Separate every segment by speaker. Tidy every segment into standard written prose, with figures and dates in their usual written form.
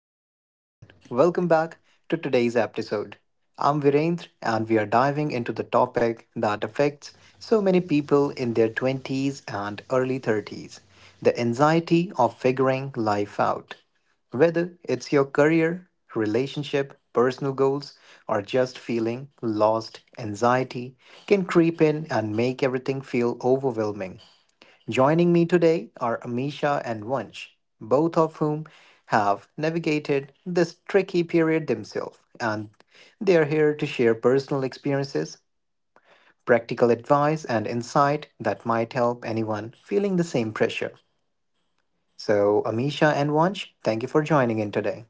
Speaker 1: Hey everyone, welcome back to today's episode. I'm Virendra and we are diving into the topic that affects so many people in their 20s and early 30s, the anxiety of figuring life out. Whether it's your career, relationship, personal goals, or just feeling lost, anxiety can creep in and make everything feel overwhelming. Joining me today are Amisha and Vansh, both of whom have navigated this tricky period themselves, and they're here to share personal experiences, practical advice, and insight that might help anyone feeling the same pressure. So, Amisha and Vansh, thank you for joining in today.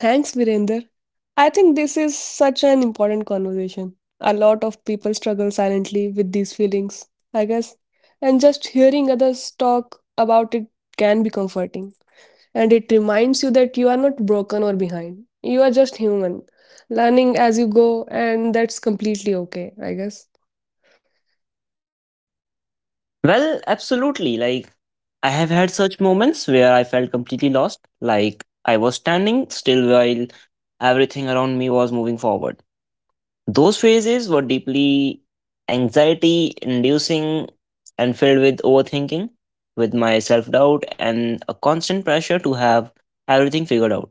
Speaker 2: Thanks, Virender. I think this is such an important conversation. A lot of people struggle silently with these feelings, I guess. And just hearing others talk about it can be comforting. And it reminds you that you are not broken or behind. You are just human, learning as you go, and that's completely okay, I guess.
Speaker 3: Well, absolutely. Like, I have had such moments where I felt completely lost. Like, I was standing still while everything around me was moving forward. Those phases were deeply anxiety inducing and filled with overthinking, with my self doubt and a constant pressure to have everything figured out.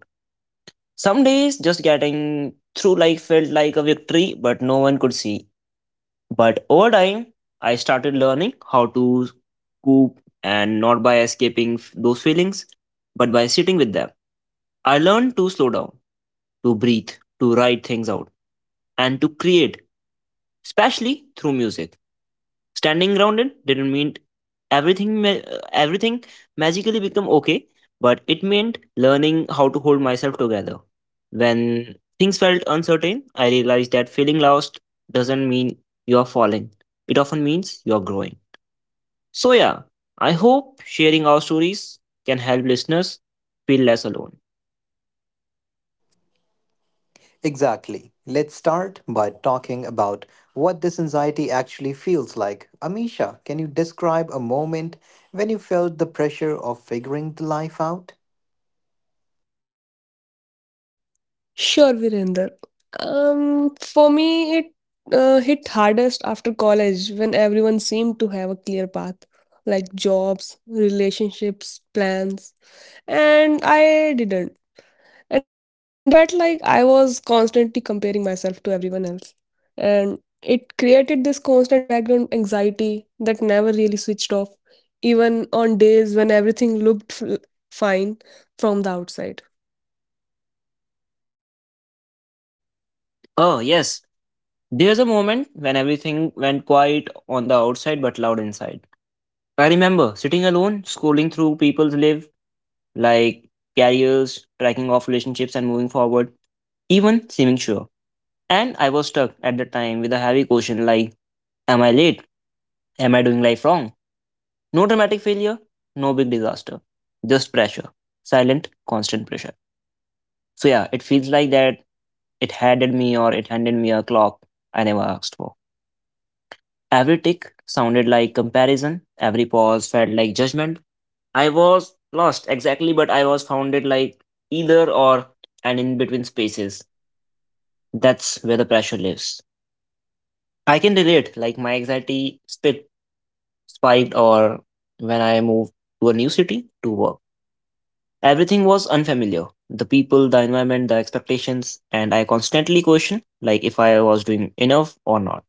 Speaker 3: Some days, just getting through life felt like a victory, but no one could see. But over time, I started learning how to cope and not by escaping those feelings, but by sitting with them. I learned to slow down, to breathe, to write things out, and to create, especially through music. Standing grounded didn't mean everything magically become okay, but it meant learning how to hold myself together. When things felt uncertain, I realized that feeling lost doesn't mean you are falling. It often means you are growing. So, yeah, I hope sharing our stories can help listeners feel less alone.
Speaker 1: Exactly. Let's start by talking about what this anxiety actually feels like. Amisha, can you describe a moment when you felt the pressure of figuring the life out?
Speaker 2: Sure, Virender. For me, it hit hardest after college when everyone seemed to have a clear path, like jobs, relationships, plans, and I didn't. And it felt like I was constantly comparing myself to everyone else. And it created this constant background anxiety that never really switched off, even on days when everything looked fine from the outside.
Speaker 3: Oh, yes, there's a moment when everything went quiet on the outside but loud inside. I remember sitting alone, scrolling through people's lives, like careers, tracking off relationships, and moving forward, even seeming sure. And I was stuck at the time with a heavy question like, am I late? Am I doing life wrong? No dramatic failure, no big disaster, just pressure, silent, constant pressure. So, yeah, it feels like that it handed me a clock I never asked for. Every tick sounded like comparison, every pause felt like judgment. I was lost exactly, but I was founded like either or and in between spaces. That's where the pressure lives. I can relate. Like my anxiety spiked, or when I moved to a new city to work, everything was unfamiliar. The people, the environment, the expectations, and I constantly question like if I was doing enough or not.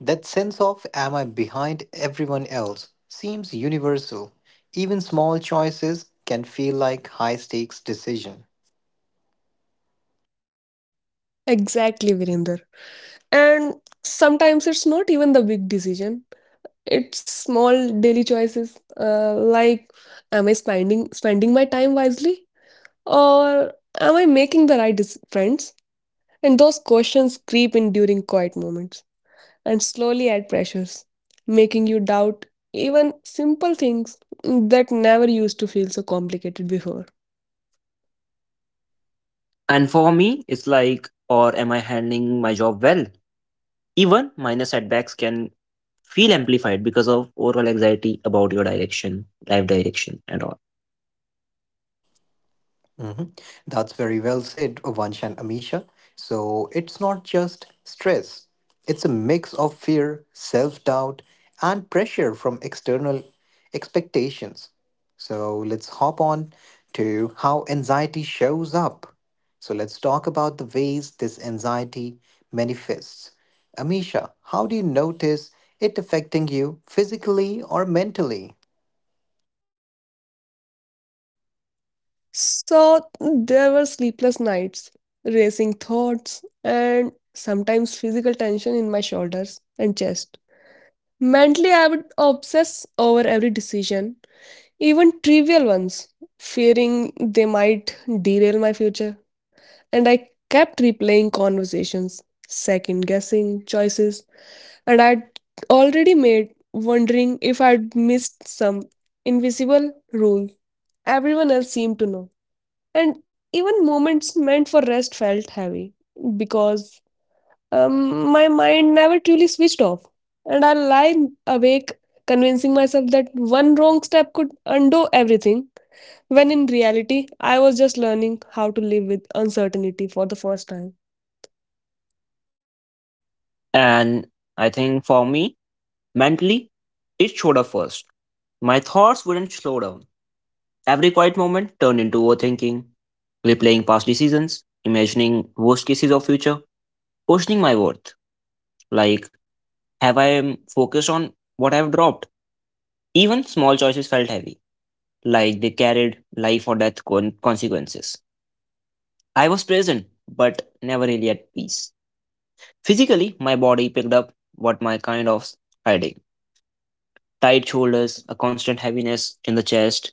Speaker 1: That sense of am I behind everyone else seems universal. Even small choices can feel like high stakes decision.
Speaker 2: Exactly, Virender. And sometimes it's not even the big decision. It's small daily choices like am I spending my time wisely or am I making the friends? And those questions creep in during quiet moments and slowly add pressures, making you doubt even simple things that never used to feel so complicated before.
Speaker 3: And for me, it's like, or am I handling my job well? Even minor setbacks can feel amplified because of overall anxiety about your direction, life direction, and all.
Speaker 1: Hmm. That's very well said, Vansh and Amisha. So it's not just stress, it's a mix of fear, self doubt, and pressure from external expectations. So let's hop on to how anxiety shows up. So let's talk about the ways this anxiety manifests. Amisha, how do you notice it affecting you physically or mentally?
Speaker 2: So there were sleepless nights, racing thoughts, and sometimes physical tension in my shoulders and chest. Mentally, I would obsess over every decision, even trivial ones, fearing they might derail my future. And I kept replaying conversations, second guessing choices, and I'd already made, wondering if I'd missed some invisible rule everyone else seemed to know, and even moments meant for rest felt heavy because my mind never truly switched off, and I lie awake convincing myself that one wrong step could undo everything when in reality I was just learning how to live with uncertainty for the first time.
Speaker 3: And I think for me, mentally, it showed up first. My thoughts wouldn't slow down. Every quiet moment turned into overthinking, replaying past decisions, imagining worst cases of future, questioning my worth. Like, have I focused on what I have dropped? Even small choices felt heavy, like they carried life or death consequences. I was present, but never really at peace. Physically, my body picked up what my kind of hiding tight shoulders, a constant heaviness in the chest,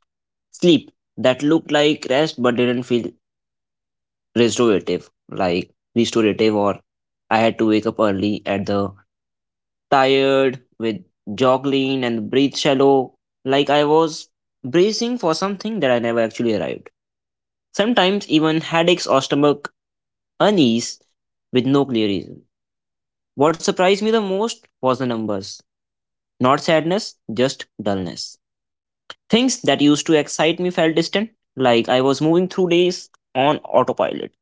Speaker 3: sleep that looked like rest but didn't feel restorative, like restorative, or I had to wake up early at the tired with joggling and breathe shallow, like I was bracing for something that I never actually arrived. Sometimes even headaches or stomach unease with no clear reason. What surprised me the most was the numbers. Not sadness, just dullness. Things that used to excite me felt distant, like I was moving through days on autopilot.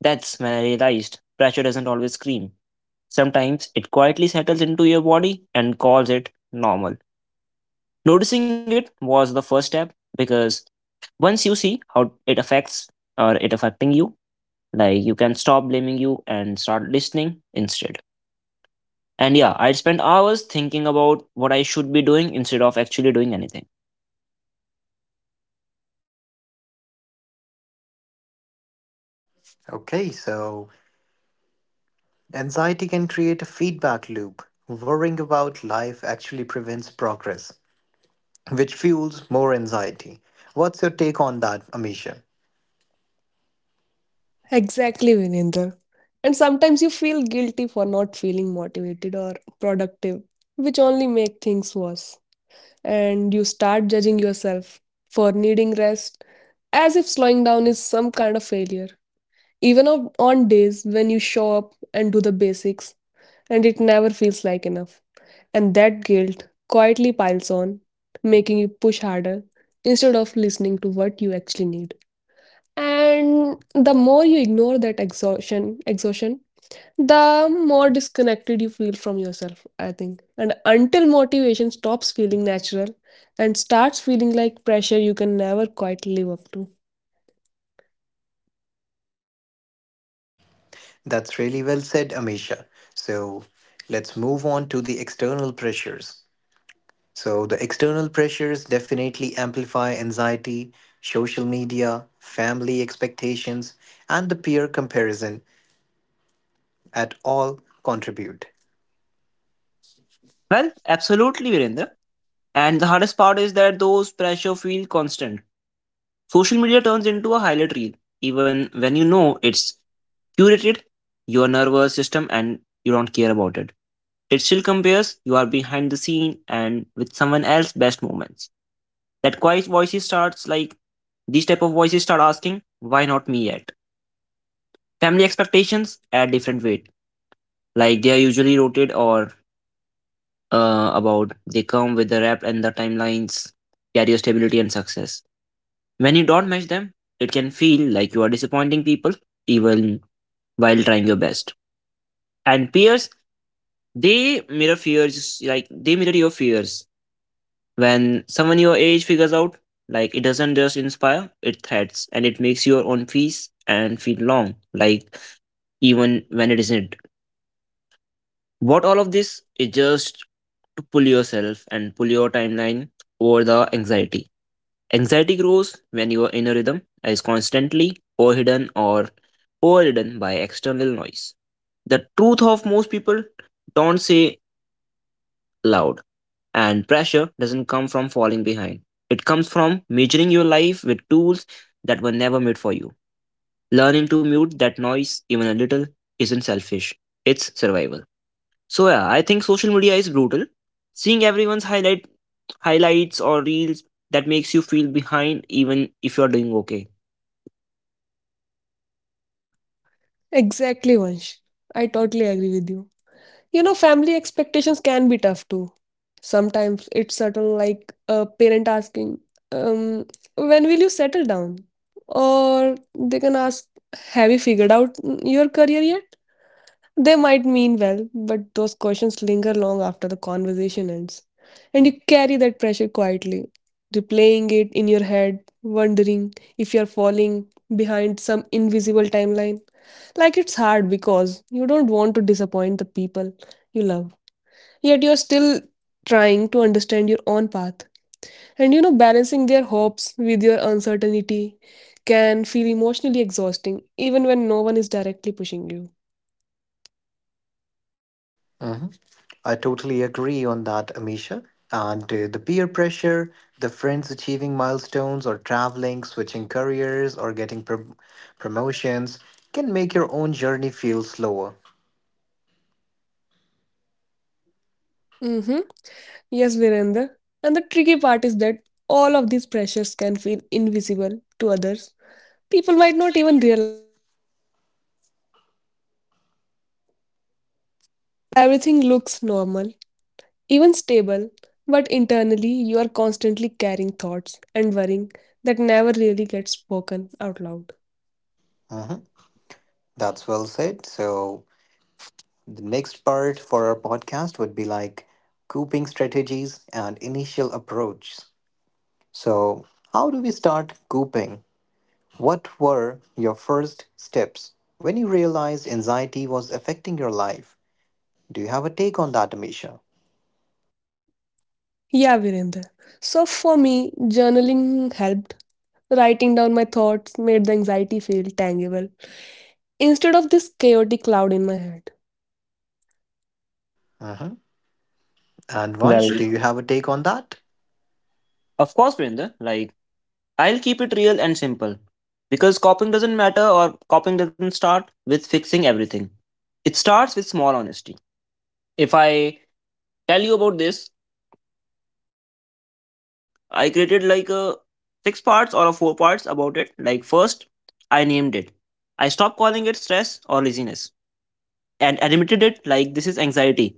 Speaker 3: That's when I realized pressure doesn't always scream. Sometimes it quietly settles into your body and calls it normal. Noticing it was the first step because once you see how it affects or it affecting you, like you can stop blaming you and start listening instead. And yeah, I would spend hours thinking about what I should be doing instead of actually doing anything.
Speaker 1: Okay, so anxiety can create a feedback loop. Worrying about life actually prevents progress, which fuels more anxiety. What's your take on that, Amisha?
Speaker 2: Exactly, Vinender. And sometimes you feel guilty for not feeling motivated or productive, which only make things worse, and you start judging yourself for needing rest as if slowing down is some kind of failure. Even on days when you show up and do the basics, and it never feels like enough. And that guilt quietly piles on, making you push harder instead of listening to what you actually need. And the more you ignore that exhaustion, the more disconnected you feel from yourself, I think. And until motivation stops feeling natural and starts feeling like pressure you can never quite live up to.
Speaker 1: That's really well said, Amisha. So let's move on to the external pressures. So, the external pressures definitely amplify anxiety, social media, family expectations, and the peer comparison at all contribute.
Speaker 3: Well, absolutely, Virendra. And the hardest part is that those pressure feel constant. Social media turns into a highlight reel. Even when you know it's curated, your nervous system and you don't care about it. It still compares you are behind the scene and with someone else's best moments. That quiet voices starts like these type of voices start asking, why not me yet? Family expectations add different weight. Like they are usually rotated or about they come with the rep and the timelines, career stability and success. When you don't match them, it can feel like you are disappointing people even while trying your best. And peers, they mirror fears, like they mirror your fears. When someone your age figures out, like it doesn't just inspire, it threats and it makes your own peace and feel long, like even when it isn't. What all of this is just to pull yourself and pull your timeline over the anxiety. Anxiety grows when your inner rhythm is constantly overridden by external noise. The truth of most people don't say loud, and pressure doesn't come from falling behind. It comes from measuring your life with tools that were never made for you. Learning to mute that noise, even a little, isn't selfish, it's survival. So, yeah, I think social media is brutal. Seeing everyone's highlights or reels that makes you feel behind even if you're doing okay.
Speaker 2: Exactly, Vansh. I totally agree with you. You know, family expectations can be tough too. Sometimes it's certain, like a parent asking, um, when will you settle down? Or they can ask, have you figured out your career yet? They might mean well, but those questions linger long after the conversation ends. And you carry that pressure quietly, replaying it in your head, wondering if you're falling behind some invisible timeline. Like it's hard because you don't want to disappoint the people you love. Yet you're still trying to understand your own path. And you know, balancing their hopes with your uncertainty can feel emotionally exhausting, even when no one is directly pushing you.
Speaker 1: Mhm. I totally agree on that, Amisha. And the peer pressure, the friends achieving milestones or traveling, switching careers, or getting promotions can make your own journey feel slower.
Speaker 2: Mhm. Yes, Virender. And the tricky part is that all of these pressures can feel invisible to others. People might not even realize. Everything looks normal, even stable, but internally you are constantly carrying thoughts and worrying that never really get spoken out loud.
Speaker 1: Hmm. That's well said. So, the next part for our podcast would be like coping strategies and initial approaches. So, how do we start coping? What were your first steps when you realized anxiety was affecting your life? Do you have a take on that, Amisha?
Speaker 2: Yeah, Virendra. So for me, journaling helped. Writing down my thoughts made the anxiety feel tangible instead of this chaotic cloud in my head.
Speaker 1: Hmm. And Vansh, do
Speaker 3: Well,
Speaker 1: you have a take on that?
Speaker 3: of course, Vrinder, like I'll keep it real and simple because copying doesn't start with fixing everything. It starts with small honesty. If I tell you about this, I created like a six parts or a four parts about it. Like first, I named it. I stopped calling it stress or laziness and admitted it like this is anxiety.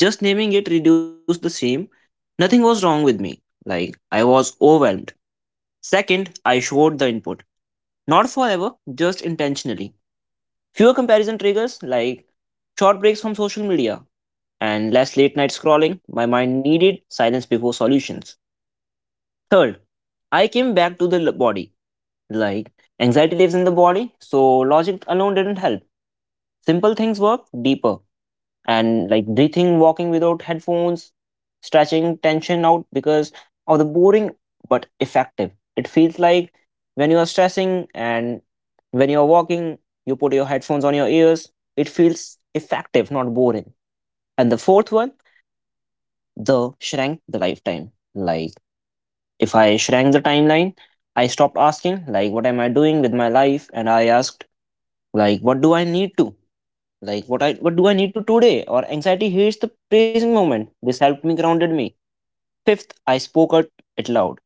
Speaker 3: Just naming it reduced the shame. Nothing was wrong with me. Like I was overwhelmed. Second, I showed the input. Not forever, just intentionally. Fewer comparison triggers like short breaks from social media and less late night scrolling. My mind needed silence before solutions. Third, I came back to the body. Like anxiety lives in the body, so logic alone didn't help. Simple things work deeper. And like breathing, walking without headphones, stretching tension out because of the boring but effective. It feels like when you are stressing and when you are walking, you put your headphones on your ears. It feels effective, not boring. And the fourth one, the shrank the lifetime. Like if I shrank the timeline, I stopped asking like what am I doing with my life, and I asked like what do I need to like what I what do I need to today or anxiety hates the present moment. This helped me grounded me. Fifth, I spoke out it loud,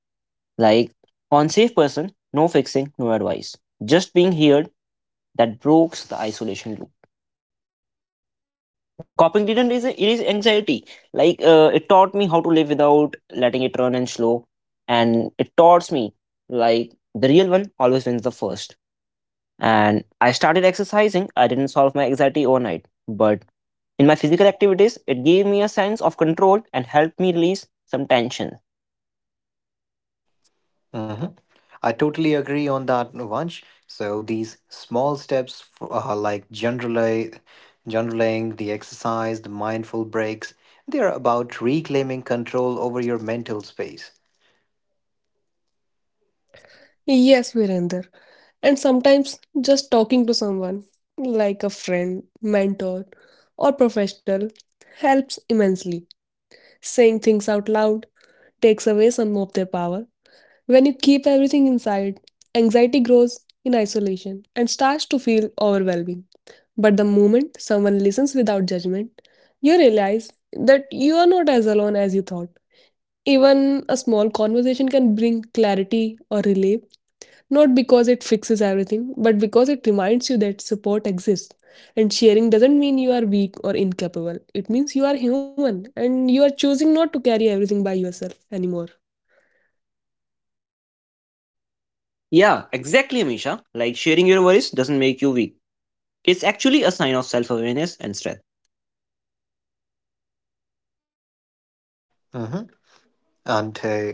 Speaker 3: like on safe person, no fixing, no advice, just being heard. That breaks the isolation loop. Coping didn't is it is anxiety, like it taught me how to live without letting it run and slow. And it taught me like the real one always wins the first. And I started exercising. I didn't solve my anxiety overnight, but in my physical activities, it gave me a sense of control and helped me release some tension.
Speaker 1: Hmm. I totally agree on that, Vansh. So these small steps, for, like generally, generaling the exercise, the mindful breaks, they're about reclaiming control over your mental space.
Speaker 4: Yes, Virender. And sometimes just talking to someone, like a friend, mentor, or professional, helps immensely. Saying things out loud takes away some of their power. When you keep everything inside, anxiety grows in isolation and starts to feel overwhelming. But the moment someone listens without judgment, you realize that you are not as alone as you thought. Even a small conversation can bring clarity or relief, not because it fixes everything, but because it reminds you that support exists. And sharing doesn't mean you are weak or incapable. It means you are human and you are choosing not to carry everything by yourself anymore.
Speaker 3: Yeah, exactly, Amisha. Like sharing your worries doesn't make you weak. It's actually a sign of self awareness and strength.
Speaker 1: Hmm. And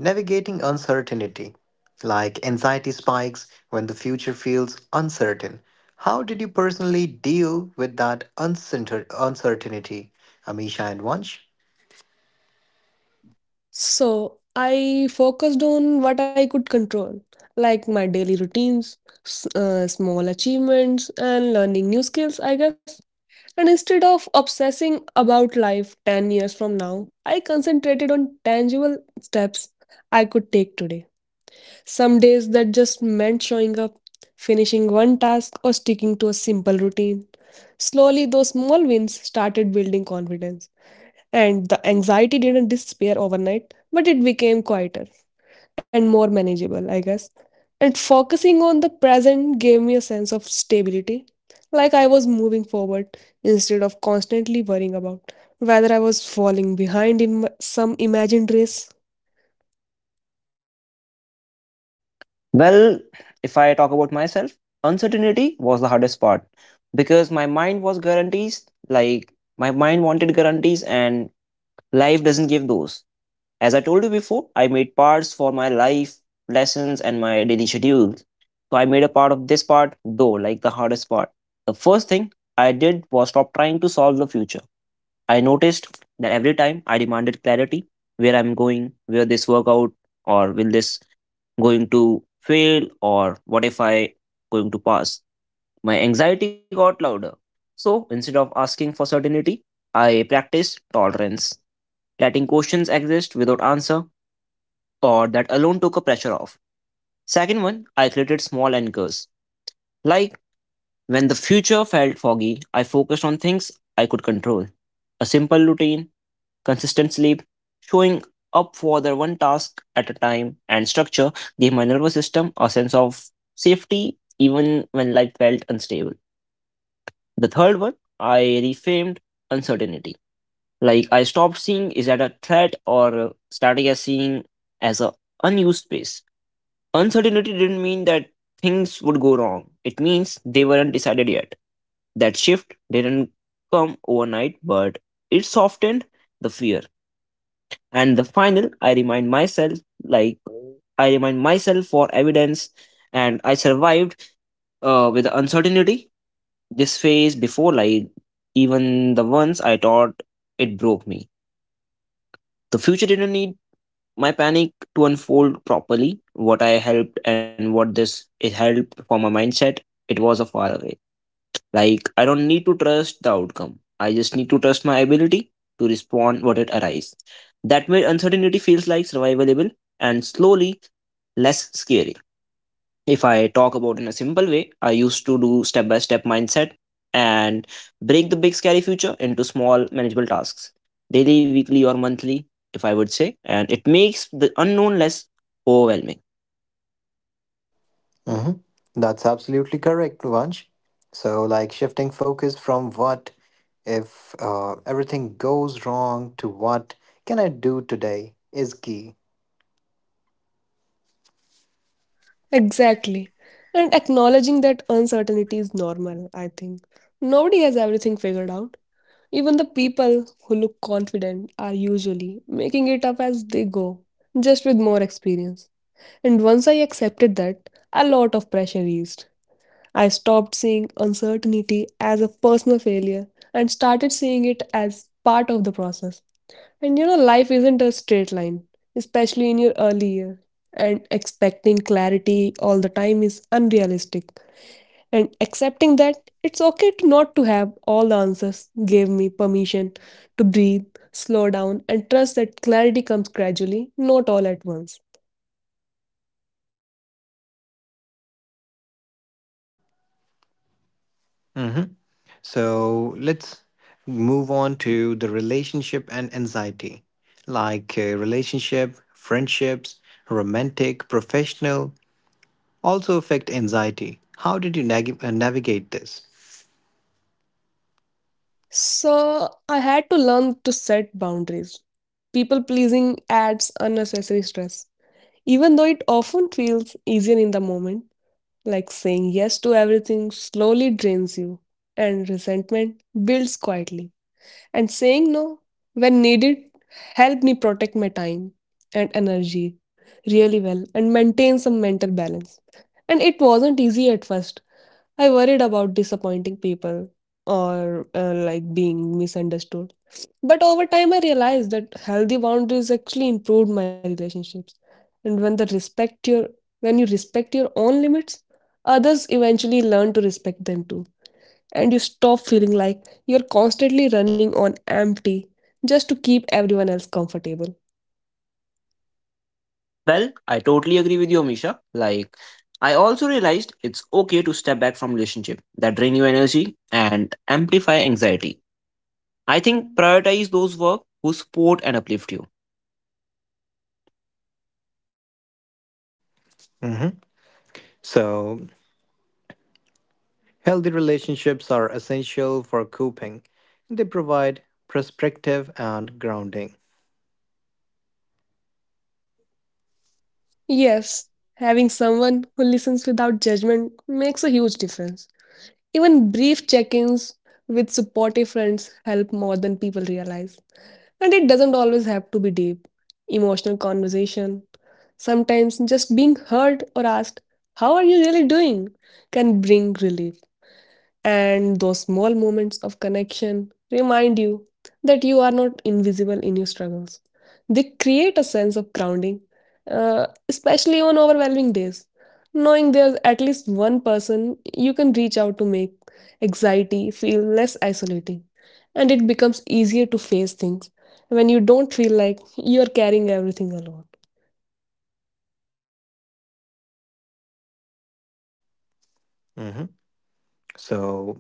Speaker 1: navigating uncertainty, like anxiety spikes when the future feels uncertain. How did you personally deal with that uncertainty, Amisha and Vansh?
Speaker 4: So I focused on what I could control, like my daily routines, small achievements, and learning new skills, I guess. And instead of obsessing about life 10 years from now, I concentrated on tangible steps I could take today. Some days that just meant showing up, finishing one task, or sticking to a simple routine. Slowly, those small wins started building confidence, and the anxiety didn't disappear overnight, but it became quieter and more manageable, I guess. And focusing on the present gave me a sense of stability, like I was moving forward instead of constantly worrying about whether I was falling behind in some imagined race.
Speaker 3: Well, if I talk about myself, uncertainty was the hardest part because my mind was guarantees, like my mind wanted guarantees and life doesn't give those. As I told you before, I made parts for my life, lessons, and my daily schedule. So I made a part of this part, though, like the hardest part. The first thing I did was stop trying to solve the future. I noticed that every time I demanded clarity where I'm going, will this work out, or will this going to fail, or what if I going to pass, my anxiety got louder. So instead of asking for certainty, I practiced tolerance, letting questions exist without answer, or that alone took a pressure off. Second one, I created small anchors. Like when the future felt foggy, I focused on things I could control. A simple routine consistent sleep, showing up for their one task at a time, and structure gave my nervous system a sense of safety even when life felt unstable. The third one, I reframed uncertainty. Like I stopped seeing is that a threat or started as seeing as a unused space. Uncertainty didn't mean that things would go wrong. It means they weren't decided yet. That shift didn't come overnight, but it softened the fear. And the final, like I remind myself for evidence. And I survived with the uncertainty this phase before, like even the ones I thought it broke me. The future didn't need my panic to unfold properly. What I helped and what this it helped for my mindset, it was a far away. Like I don't need to trust the outcome. I just need to trust my ability to respond what it arises. That made uncertainty feels like survivable and slowly less scary. If I talk about in a simple way, I used to do step by step mindset and break the big scary future into small manageable tasks, daily, weekly, or monthly, if I would say, and it makes the unknown less overwhelming.
Speaker 1: Hmm. That's absolutely correct, Vansh. So, like shifting focus from what if everything goes wrong to what can I do today is key.
Speaker 4: Exactly. And acknowledging that uncertainty is normal, I think. Nobody has everything figured out. Even the people who look confident are usually making it up as they go, just with more experience. And once I accepted that, a lot of pressure eased. I stopped seeing uncertainty as a personal failure and started seeing it as part of the process. And you know, life isn't a straight line, especially in your early year. And expecting clarity all the time is unrealistic. And accepting that it's okay to not to have all the answers gave me permission to breathe, slow down, and trust that clarity comes gradually, not all at once.
Speaker 1: So let's move on to the relationship and anxiety, like relationship, friendships, romantic, professional, also affect anxiety. How did you navigate this?
Speaker 4: So I had to learn to set boundaries. People pleasing adds unnecessary stress, even though it often feels easier in the moment. Like saying yes to everything slowly drains you, and resentment builds quietly. And saying no when needed helped me protect my time and energy really well and maintain some mental balance. And it wasn't easy at first. I worried about disappointing people or like being misunderstood, but over time, I realized that healthy boundaries actually improved my relationships. And when you respect your own limits, others eventually learn to respect them too. And you stop feeling like you're constantly running on empty just to keep everyone else comfortable.
Speaker 3: Well, I totally agree with you, Amisha. Like, I also realized it's okay to step back from relationship that drain you energy and amplify anxiety. I think prioritize those work who support and uplift you.
Speaker 1: Mhm. So, healthy relationships are essential for coping. They provide perspective and grounding.
Speaker 4: Yes, having someone who listens without judgment makes a huge difference. Even brief check ins with supportive friends help more than people realize. And it doesn't always have to be deep, emotional conversation. Sometimes just being heard or asked, "How are you really doing?" can bring relief. And those small moments of connection remind you that you are not invisible in your struggles. They create a sense of grounding, especially on overwhelming days. Knowing there's at least one person you can reach out to make anxiety feel less isolating, and it becomes easier to face things when you don't feel like you are carrying everything alone.
Speaker 1: Mhm. So,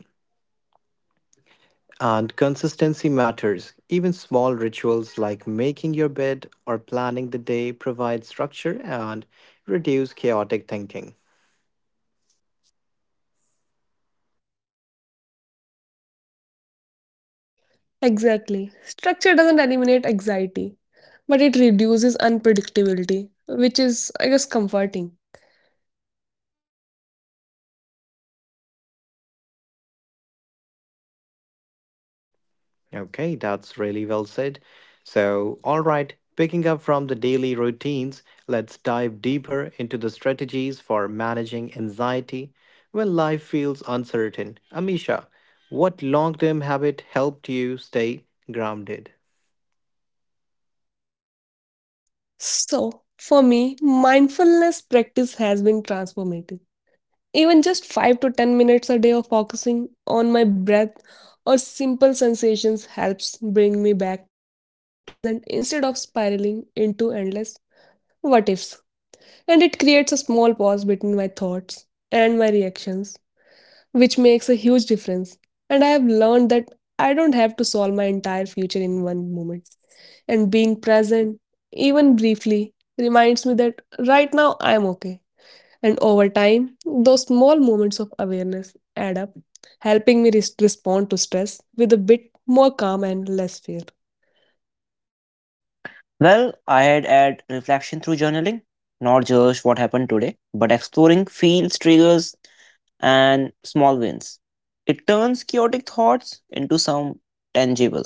Speaker 1: and consistency matters. Even small rituals like making your bed or planning the day provide structure and reduce chaotic thinking.
Speaker 4: Exactly. Structure doesn't eliminate anxiety, but it reduces unpredictability, which is, I guess, comforting.
Speaker 1: Okay, that's really well said. So, all right, picking up from the daily routines, let's dive deeper into the strategies for managing anxiety when life feels uncertain. Amisha, what long term habit helped you stay grounded?
Speaker 4: So, for me, mindfulness practice has been transformative. Even just 5 to 10 minutes a day of focusing on my breath or simple sensations helps bring me back to the present instead of spiraling into endless what ifs. And it creates a small pause between my thoughts and my reactions, which makes a huge difference. And I have learned that I don't have to solve my entire future in one moment. And being present, even briefly, reminds me that right now I am okay. And over time, those small moments of awareness add up, helping me respond to stress with a bit more calm and less fear.
Speaker 3: Well, I had add reflection through journaling, not just what happened today, but exploring feels, triggers, and small wins. It turns chaotic thoughts into some tangible.